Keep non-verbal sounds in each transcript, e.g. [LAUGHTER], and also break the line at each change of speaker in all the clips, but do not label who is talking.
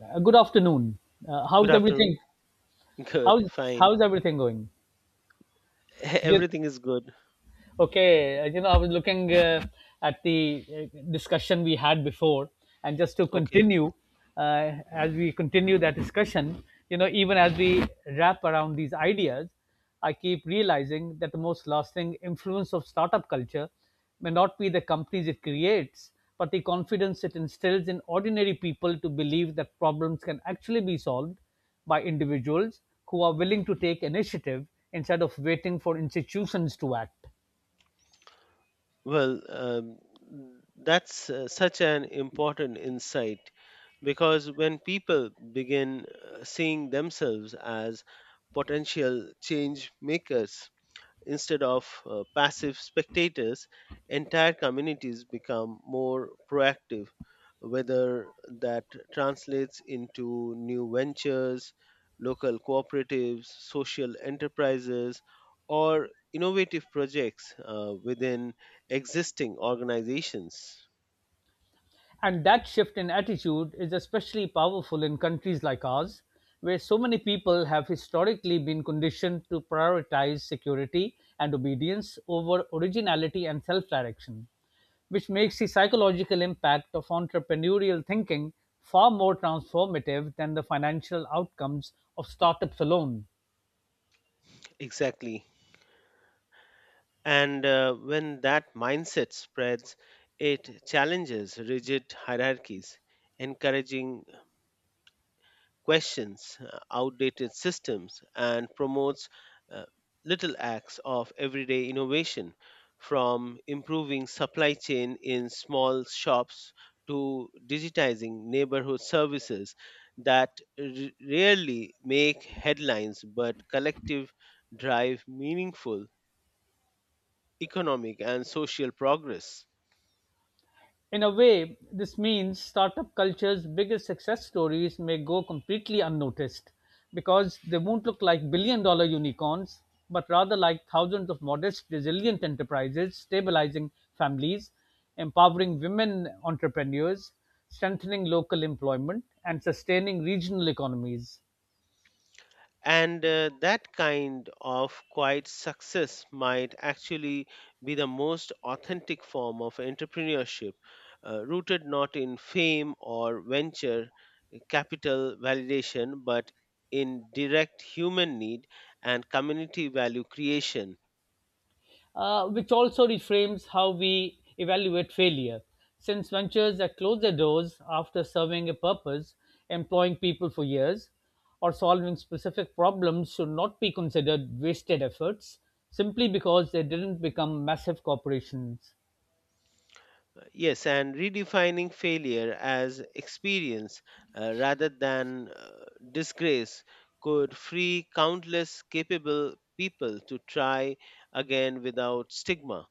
Good afternoon.
Good
How's
afternoon.
everything?
Good,
How's
fine.
how's everything going?
[LAUGHS]
Yeah.
Everything is good.
Okay, I was looking at the discussion we had before, and just to
Okay.
continue, as we continue that discussion, even as we wrap around these ideas, I keep realizing that the most lasting influence of startup culture may not be the companies it creates, but the confidence it instills in ordinary people to believe that problems can actually be solved by individuals who are willing to take initiative instead of waiting for institutions to act.
Well, that's such an important insight because when people begin seeing themselves as potential change makers, instead of passive spectators, entire communities become more proactive, whether that translates into new ventures, local cooperatives, social enterprises, or innovative projects within existing organizations.
And that shift in attitude is especially powerful in countries like ours, where so many people have historically been conditioned to prioritize security and obedience over originality and self direction, which makes the psychological impact of entrepreneurial thinking far more transformative than the financial outcomes of startups alone.
Exactly. And when that mindset spreads, it challenges rigid hierarchies, encouraging questions, outdated systems, and promotes uh, little acts of everyday innovation from improving supply chain in small shops to digitizing neighborhood services that r- rarely make headlines but collective drive meaningful economic and social progress.
In a way, this means startup culture's biggest success stories may go completely unnoticed because they won't look like billion dollar unicorns, but rather like thousands of modest, resilient enterprises, stabilizing families, empowering women entrepreneurs, strengthening local employment, and sustaining regional economies.
And that kind of quiet success might actually be the most authentic form of entrepreneurship, rooted not in fame or venture capital validation, but in direct human need and community value creation.
Which also reframes how we evaluate failure. Since ventures that close their doors after serving a purpose, employing people for years, or solving specific problems should not be considered wasted efforts simply because they didn't become massive corporations.
Yes, and redefining failure as experience rather than disgrace could free countless capable people to try again without stigma,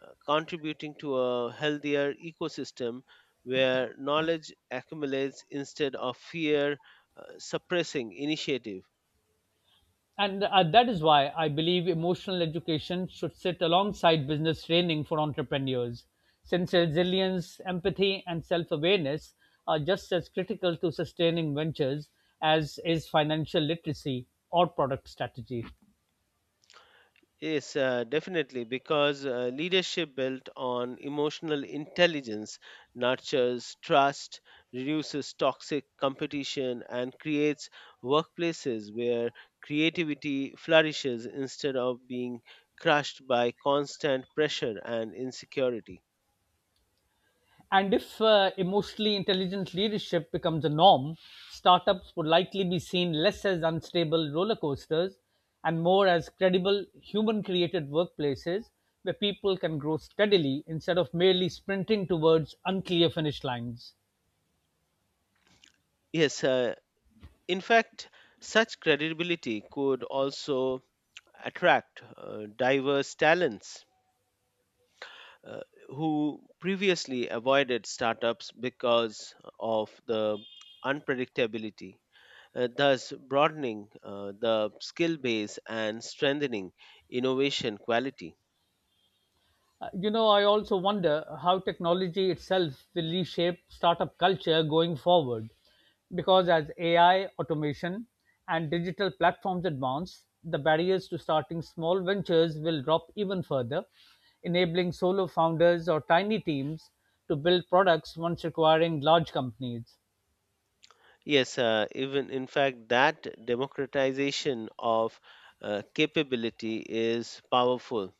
contributing to a healthier ecosystem where knowledge accumulates instead of fear suppressing initiative.
And that is why I believe emotional education should sit alongside business training for entrepreneurs, since resilience, empathy, and self awareness are just as critical to sustaining ventures as is financial literacy or product strategy.
Yes, definitely, because leadership built on emotional intelligence nurtures trust, reduces toxic competition, and creates workplaces where creativity flourishes instead of being crushed by constant pressure and insecurity.
And if emotionally intelligent leadership becomes a norm, startups would likely be seen less as unstable roller coasters and more as credible human created workplaces where people can grow steadily instead of merely sprinting towards unclear finish lines.
Yes, in fact, such credibility could also attract diverse talents uh, who previously avoided startups because of the unpredictability, thus broadening the skill base and strengthening innovation quality.
You know, I also wonder how technology itself will reshape startup culture going forward. Because as AI, automation, and digital platforms advance, the barriers to starting small ventures will drop even further, enabling solo founders or tiny teams to build products once requiring large companies.
Yes, even in fact, that democratization of capability is powerful.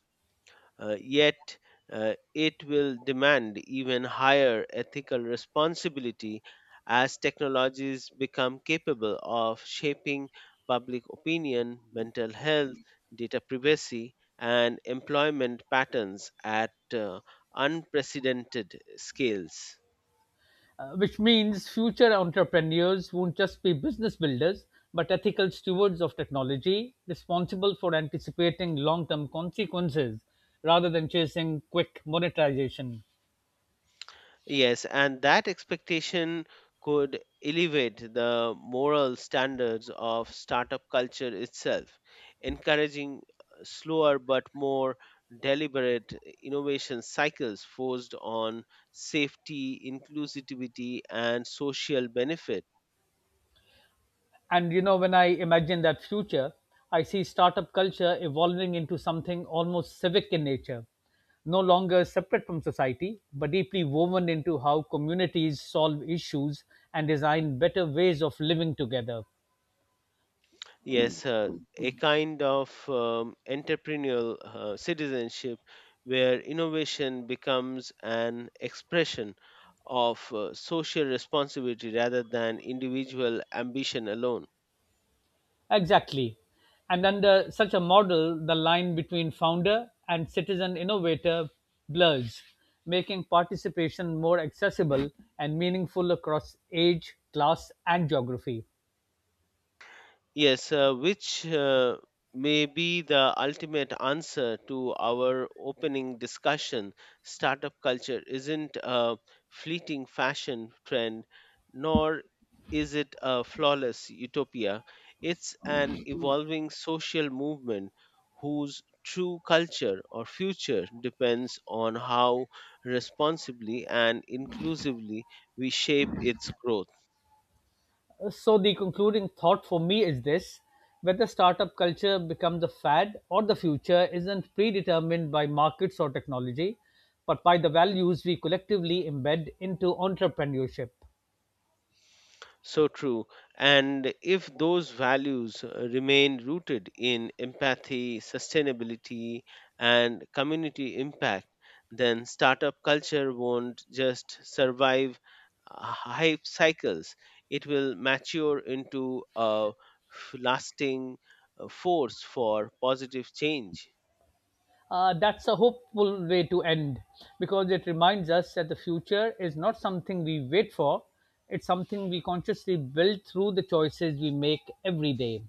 Yet, it will demand even higher ethical responsibility as technologies become capable of shaping public opinion, mental health, data privacy, and employment patterns at unprecedented scales.
Which means future entrepreneurs won't just be business builders, but ethical stewards of technology, responsible for anticipating long term consequences rather than chasing quick monetization.
Yes, and that expectation could elevate the moral standards of startup culture itself, encouraging slower but more deliberate innovation cycles forced on safety, inclusivity, and social benefit.
And you know, when I imagine that future, I see startup culture evolving into something almost civic in nature, no longer separate from society, but deeply woven into how communities solve issues and design better ways of living together.
Yes, a kind of entrepreneurial citizenship where innovation becomes an expression of social responsibility rather than individual ambition alone.
Exactly. And under such a model, the line between founder and citizen innovator blurs, making participation more accessible and meaningful across age, class, and geography.
Yes, which may be the ultimate answer to our opening discussion. Startup culture isn't a fleeting fashion trend, nor is it a flawless utopia. It's an evolving social movement whose true culture or future depends on how responsibly and inclusively we shape its growth.
So, the concluding thought for me is this: whether startup culture becomes a fad or the future isn't predetermined by markets or technology, but by the values we collectively embed into entrepreneurship.
So true. And if those values remain rooted in empathy, sustainability, and community impact, then startup culture won't just survive hype cycles, it will mature into a lasting force for positive change.
That's a hopeful way to end because it reminds us that the future is not something we wait for, it's something we consciously build through the choices we make every day.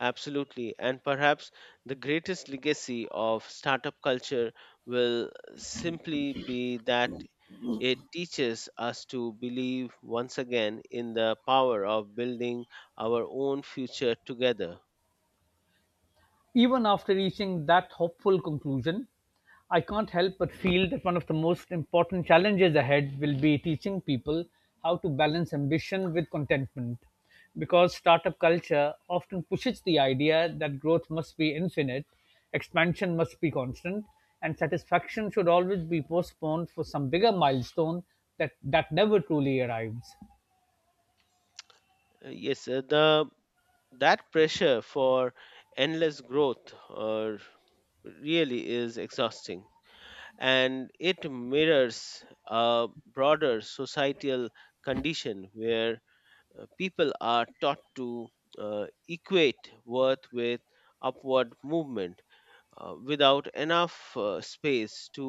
Absolutely. And perhaps the greatest legacy of startup culture will simply be that it teaches us to believe once again in the power of building our own future together.
Even after reaching that hopeful conclusion, I can't help but feel that one of the most important challenges ahead will be teaching people how to balance ambition with contentment. Because startup culture often pushes the idea that growth must be infinite, expansion must be constant, and satisfaction should always be postponed for some bigger milestone that never truly arrives.
Yes, the that pressure for endless growth really is exhausting and it mirrors a broader societal condition where people are taught to equate worth with upward movement without enough space to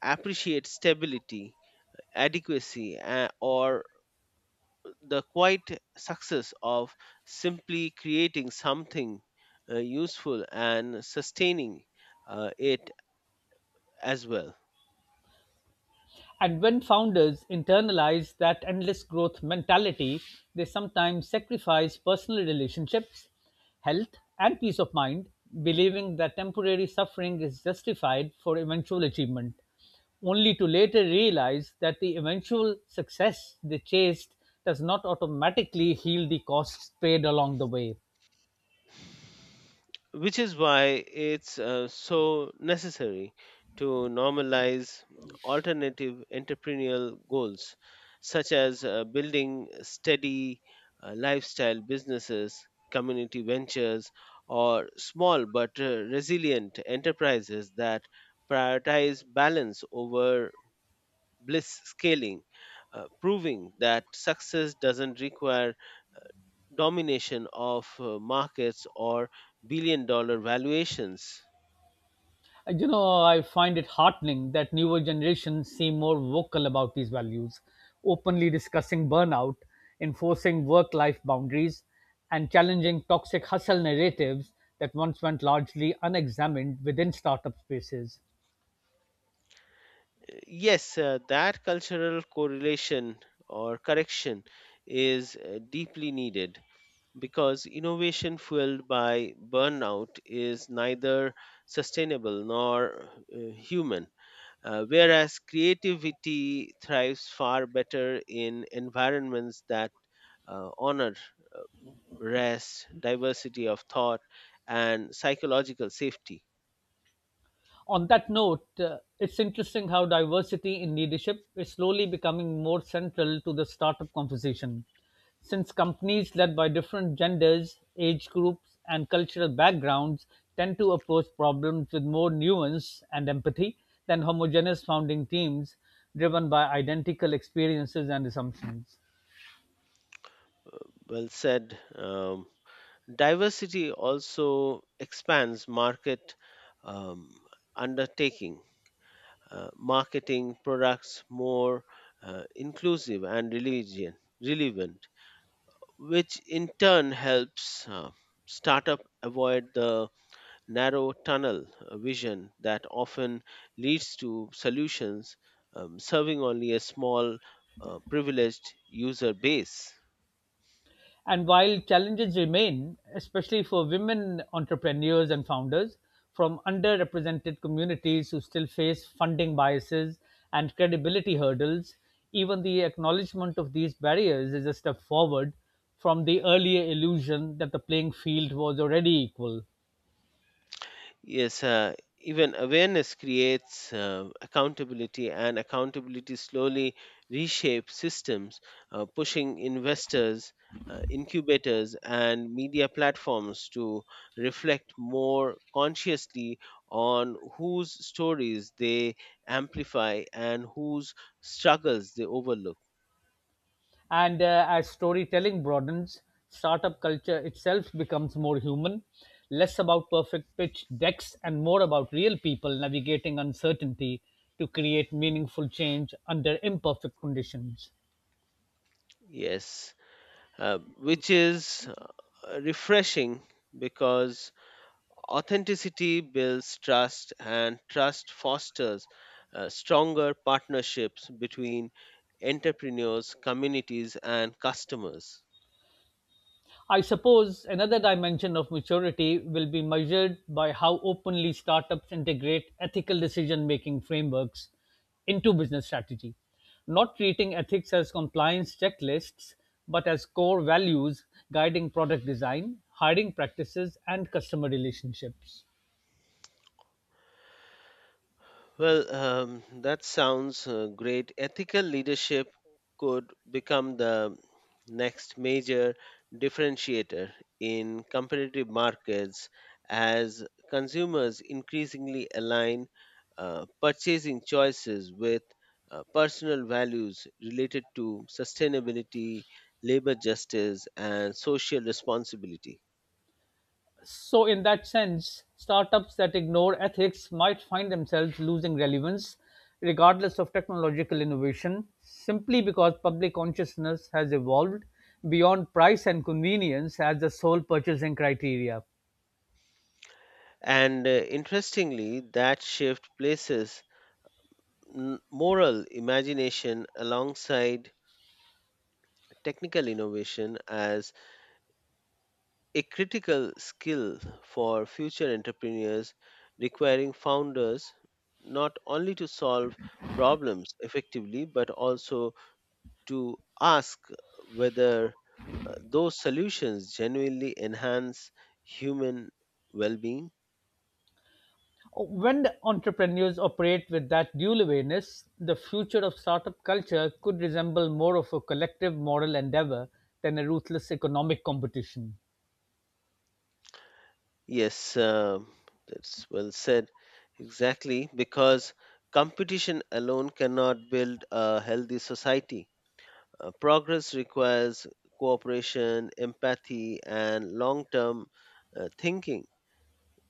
appreciate stability, adequacy, or the quiet success of simply creating something useful and sustaining it as well.
And when founders internalize that endless growth mentality, they sometimes sacrifice personal relationships, health, and peace of mind, believing that temporary suffering is justified for eventual achievement, only to later realize that the eventual success they chased does not automatically heal the costs paid along the way.
Which is why it's so necessary to normalize alternative entrepreneurial goals such as building steady lifestyle businesses, community ventures, or small but resilient enterprises that prioritize balance over bliss scaling, proving that success doesn't require domination of markets or billion dollar valuations.
You know, I find it heartening that newer generations seem more vocal about these values, openly discussing burnout, enforcing work life boundaries, and challenging toxic hustle narratives that once went largely unexamined within startup spaces.
Yes, that cultural correlation or correction is deeply needed because innovation fueled by burnout is neither sustainable nor human, whereas creativity thrives far better in environments that honor rest, diversity of thought, and psychological safety.
On that note, it's interesting how diversity in leadership is slowly becoming more central to the startup conversation. Since companies led by different genders, age groups, and cultural backgrounds tend to approach problems with more nuance and empathy than homogeneous founding teams driven by identical experiences and assumptions.
Well said. Diversity also expands market um, undertaking, marketing products more inclusive and religion, relevant, which in turn helps startup avoid the narrow tunnel vision that often leads to solutions serving only a small privileged user base.
And while challenges remain, especially for women entrepreneurs and founders from underrepresented communities who still face funding biases and credibility hurdles, even the acknowledgement of these barriers is a step forward from the earlier illusion that the playing field was already equal.
Yes, even awareness creates accountability, and accountability slowly reshapes systems, pushing investors, incubators, and media platforms to reflect more consciously on whose stories they amplify and whose struggles they overlook.
And as storytelling broadens, startup culture itself becomes more human, less about perfect pitch decks, and more about real people navigating uncertainty to create meaningful change under imperfect conditions.
Yes, which is refreshing because authenticity builds trust, and trust fosters stronger partnerships between entrepreneurs, communities, and customers.
I suppose another dimension of maturity will be measured by how openly startups integrate ethical decision making frameworks into business strategy, not treating ethics as compliance checklists, but as core values guiding product design, hiring practices, and customer relationships.
Well, that sounds great. Ethical leadership could become the next major differentiator in competitive markets as consumers increasingly align purchasing choices with personal values related to sustainability, labor justice, and social responsibility.
So, in that sense, startups that ignore ethics might find themselves losing relevance, regardless of technological innovation, simply because public consciousness has evolved beyond price and convenience as the sole purchasing criteria.
And interestingly, that shift places moral imagination alongside technical innovation as a critical skill for future entrepreneurs, requiring founders not only to solve problems effectively but also to ask whether those solutions genuinely enhance human well being.
When the entrepreneurs operate with that dual awareness, the future of startup culture could resemble more of a collective moral endeavor than a ruthless economic competition.
Yes, that's well said. Exactly, because competition alone cannot build a healthy society. Progress requires cooperation, empathy, and long term thinking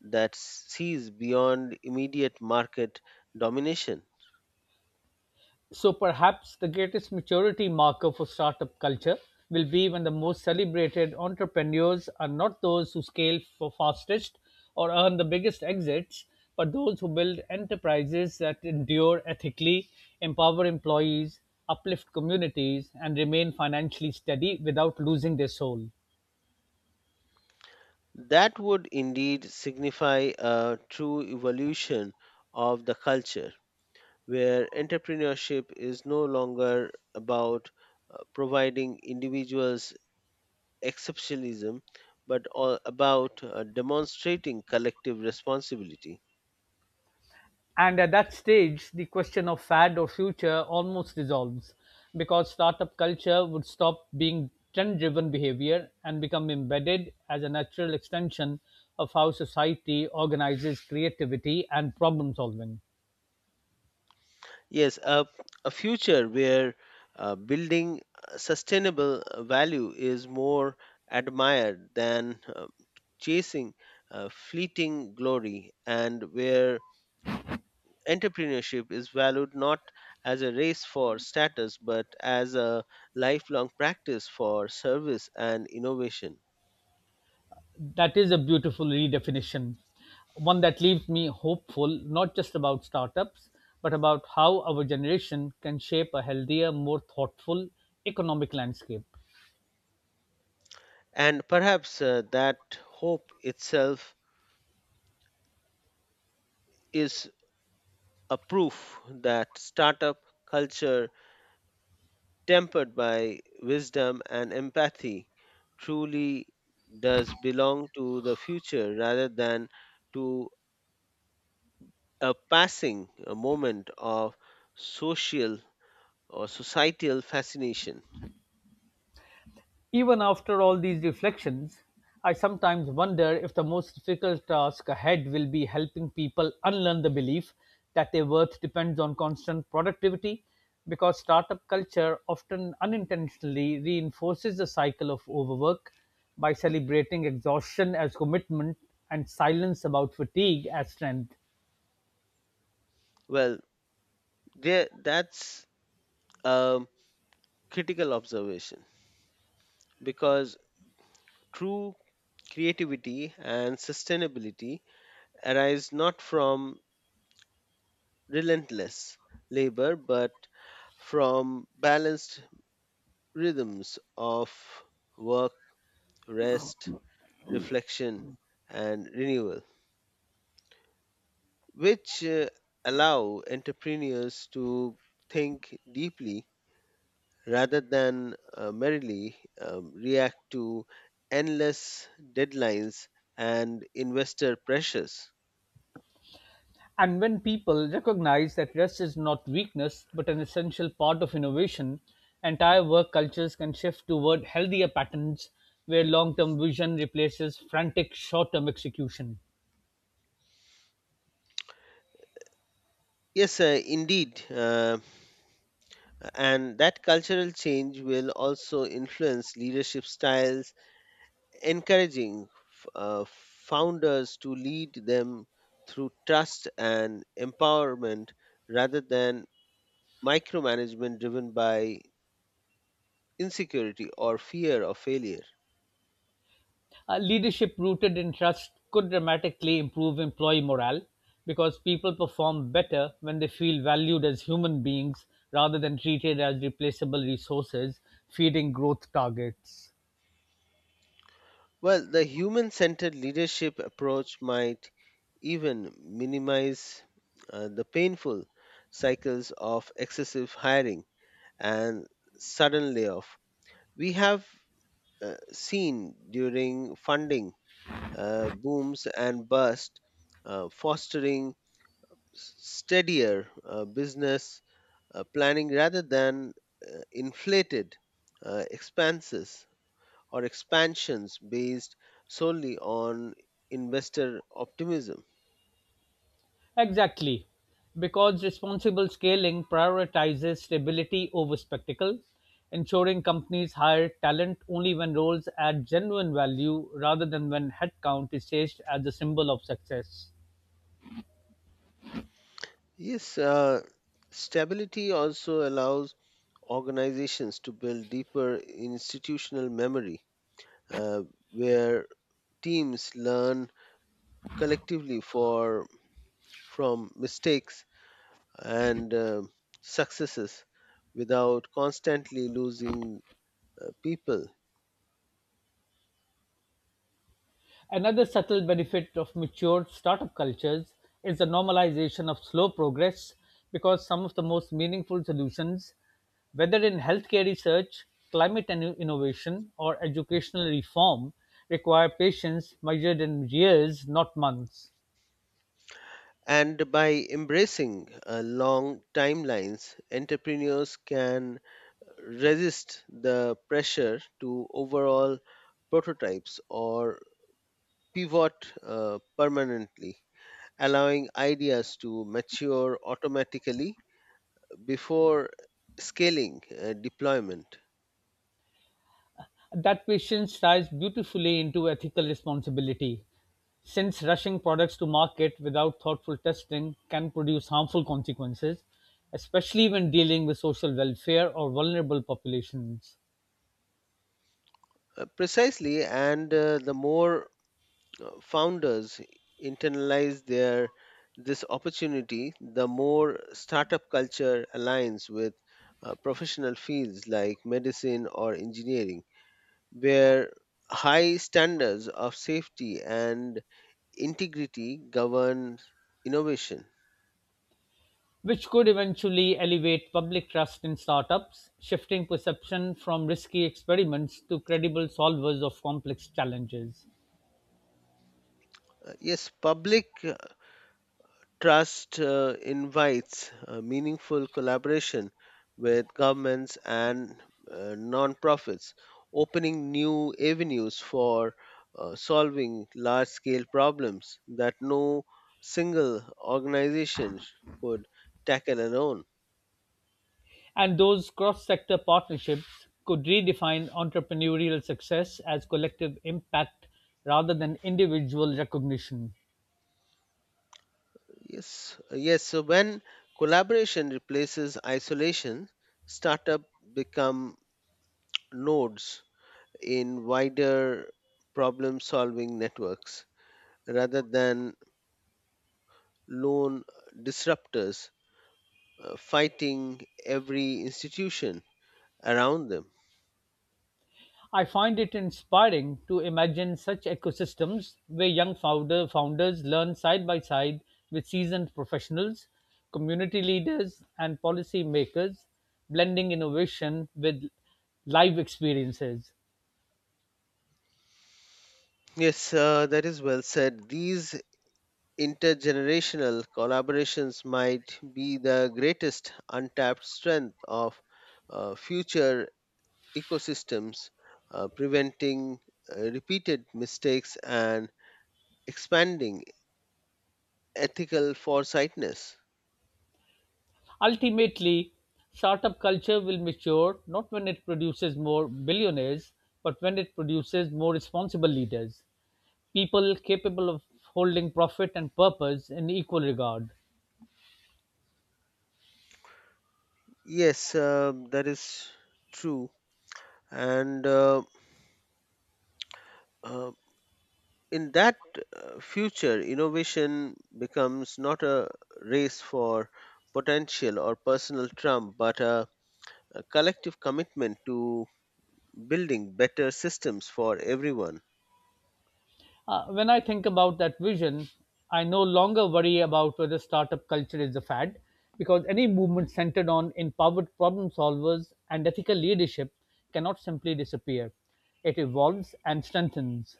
that sees beyond immediate market domination.
So perhaps the greatest maturity marker for startup culture will be when the most celebrated entrepreneurs are not those who scale for fastest or earn the biggest exits, but those who build enterprises that endure ethically, empower employees, uplift communities, and remain financially steady without losing their soul.
That would indeed signify a true evolution of the culture, where entrepreneurship is no longer about providing individuals exceptionalism but all about demonstrating collective responsibility.
And at that stage, the question of fad or future almost dissolves because startup culture would stop being trend driven behavior and become embedded as a natural extension of how society organizes creativity and problem solving.
Yes, a future where building sustainable value is more admired than chasing fleeting glory, and where entrepreneurship is valued not as a race for status, but as a lifelong practice for service and innovation.
That is a beautiful redefinition, one that leaves me hopeful not just about startups, but about how our generation can shape a healthier, more thoughtful economic landscape.
And perhaps that hope itself is a proof that startup culture, tempered by wisdom and empathy, truly does belong to the future rather than to a passing moment of social or societal fascination.
Even after all these reflections, I sometimes wonder if the most difficult task ahead will be helping people unlearn the belief that their worth depends on constant productivity, because startup culture often unintentionally reinforces the cycle of overwork by celebrating exhaustion as commitment and silence about fatigue as strength.
Well, there, that's a critical observation because true creativity and sustainability arise not from relentless labor but from balanced rhythms of work, rest, reflection, and renewal, which allow entrepreneurs to think deeply rather than merely react to endless deadlines and investor pressures.
And when people recognize that rest is not weakness but an essential part of innovation, entire work cultures can shift toward healthier patterns where long term vision replaces frantic short term execution.
Yes, indeed. And that cultural change will also influence leadership styles, encouraging founders to lead them through trust and empowerment rather than micromanagement driven by insecurity or fear of failure.
Leadership rooted in trust could dramatically improve employee morale because people perform better when they feel valued as human beings rather than treated as replaceable resources feeding growth targets.
Well, the human centered leadership approach might even minimize the painful cycles of excessive hiring and sudden layoff. We have seen during funding booms and bust, fostering steadier business planning rather than inflated expenses or expansions based solely on investor optimism.
Exactly, because responsible scaling prioritizes stability over spectacle, ensuring companies hire talent only when roles add genuine value rather than when headcount is chased as a symbol of success.
Yes, stability also allows organizations to build deeper institutional memory uh, where teams learn collectively for from mistakes and successes without constantly losing people.
Another subtle benefit of matured startup cultures is the normalization of slow progress because some of the most meaningful solutions, whether in healthcare research, climate and innovation, or educational reform, require patience measured in years, not months.
And by embracing long timelines, entrepreneurs can resist the pressure to overall prototypes or pivot permanently, allowing ideas to mature automatically before scaling deployment.
That patience ties beautifully into ethical responsibility, since rushing products to market without thoughtful testing can produce harmful consequences, especially when dealing with social welfare or vulnerable populations,
Precisely, and the more founders internalize their this opportunity, the more startup culture aligns with professional fields like medicine or engineering where high standards of safety and integrity govern innovation.
which could eventually elevate public trust in startups, shifting perception from risky experiments to credible solvers of complex challenges.
Yes, public trust invites meaningful collaboration with governments and non-profits, opening new avenues for solving large-scale problems that no single organization could tackle alone.
And those cross-sector partnerships could redefine entrepreneurial success as collective impact rather than individual recognition.
Yes, yes. So when collaboration replaces isolation, startup become nodes in wider problem-solving networks rather than lone disruptors fighting every institution around them.
I find it inspiring to imagine such ecosystems where young founders learn side by side with seasoned professionals, community leaders, and policy makers, blending innovation with live experiences.
Yes, that is well said. These intergenerational collaborations might be the greatest untapped strength of future ecosystems, preventing repeated mistakes and expanding ethical foresightness.
Ultimately, startup culture will mature not when it produces more billionaires, but when it produces more responsible leaders, people capable of holding profit and purpose in equal regard.
Yes, that is true. And uh, in that future, innovation becomes not a race for potential or personal trump, but a collective commitment to building better systems for everyone.
When I think about that vision, I no longer worry about whether startup culture is a fad because any movement centered on empowered problem solvers and ethical leadership cannot simply disappear. It evolves and strengthens.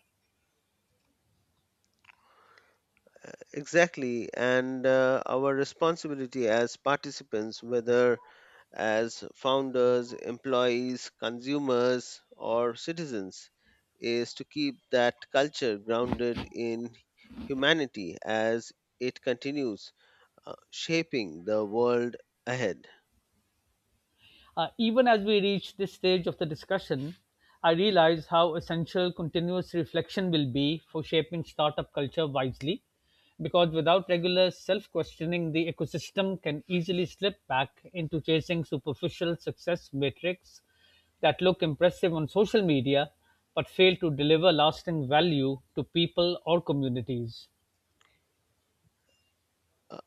Exactly, and our responsibility as participants, whether as founders, employees, consumers, or citizens, is to keep that culture grounded in humanity as it continues shaping the world ahead.
Even as we reach this stage of the discussion, I realize how essential continuous reflection will be for shaping startup culture wisely, because without regular self questioning, the ecosystem can easily slip back into chasing superficial success metrics that look impressive on social media but fail to deliver lasting value to people or communities.
Uh,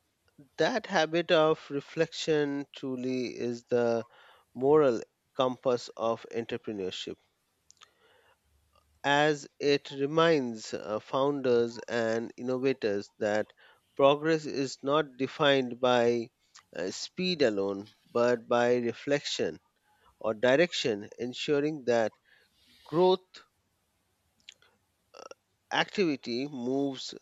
that habit of reflection truly is the moral compass of entrepreneurship, as it reminds founders and innovators that progress is not defined by speed alone, but by reflection or direction, ensuring that growth activity moves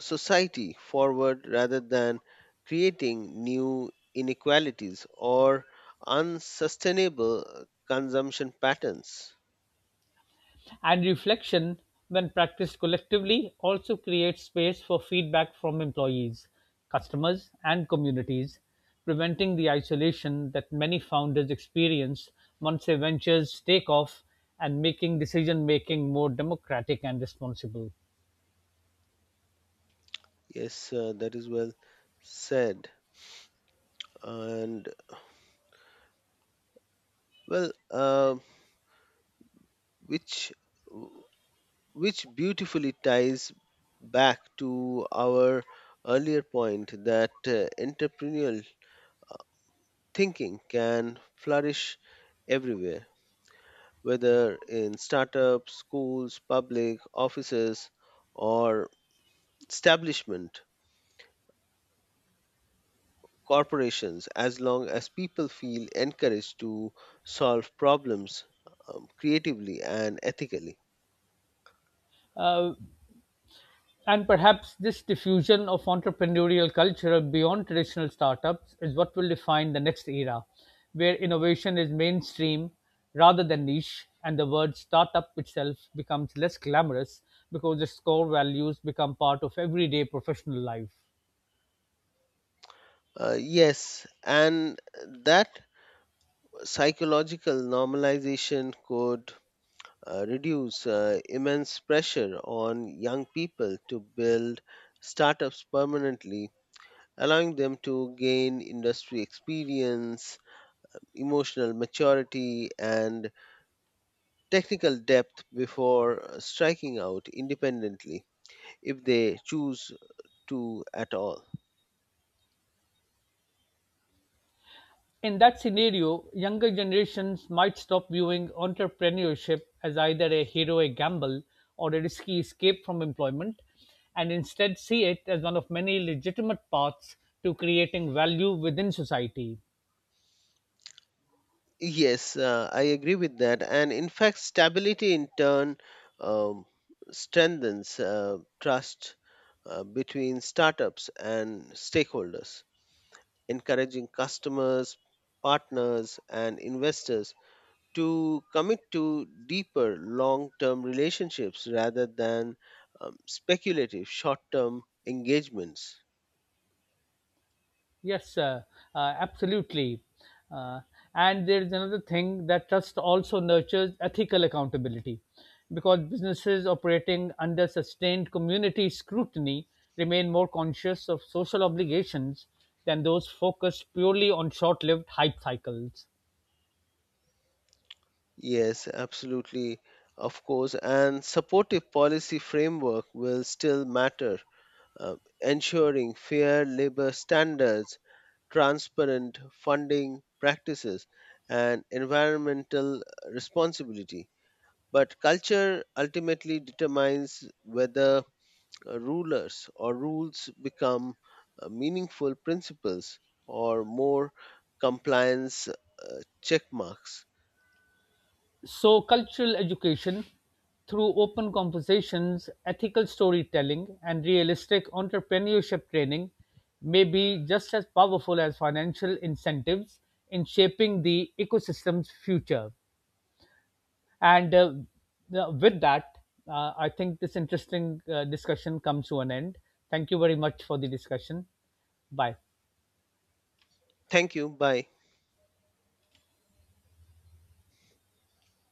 society forward rather than creating new inequalities or unsustainable consumption patterns.
And reflection, when practiced collectively, also creates space for feedback from employees, customers, and communities, preventing the isolation that many founders experience once their ventures take off and making decision making more democratic and responsible.
Yes, that is well said. And well, uh, which which beautifully ties back to our earlier point that entrepreneurial thinking can flourish everywhere, whether in startups, schools, public offices, or establishment corporations, as long as people feel encouraged to solve problems creatively and ethically.
Uh, And perhaps this diffusion of entrepreneurial culture beyond traditional startups is what will define the next era, where innovation is mainstream rather than niche, and the word startup itself becomes less glamorous because its core values become part of everyday professional life.
Yes, and that psychological normalization could reduce immense pressure on young people to build startups permanently, allowing them to gain industry experience, emotional maturity, and technical depth before striking out independently, if they choose to at all.
In that scenario, younger generations might stop viewing entrepreneurship as either a heroic gamble or a risky escape from employment and instead see it as one of many legitimate paths to creating value within society.
Yes, I agree with that. And in fact, stability in turn um, strengthens trust between startups and stakeholders, encouraging customers, partners, and investors to commit to deeper long term relationships rather than speculative short term engagements.
Yes, absolutely. Uh, and there is another thing that trust also nurtures ethical accountability because businesses operating under sustained community scrutiny remain more conscious of social obligations than those focused purely on short lived hype cycles.
Yes, absolutely. Of course, and supportive policy framework will still matter, uh, ensuring fair labor standards, transparent funding practices, and environmental responsibility. But culture ultimately determines whether rulers or rules become meaningful principles or more compliance check marks.
So, cultural education through open conversations, ethical storytelling, and realistic entrepreneurship training may be just as powerful as financial incentives in shaping the ecosystem's future. And with that, I think this interesting discussion comes to an end. Thank you very much for the discussion. Bye.
Thank you. Bye.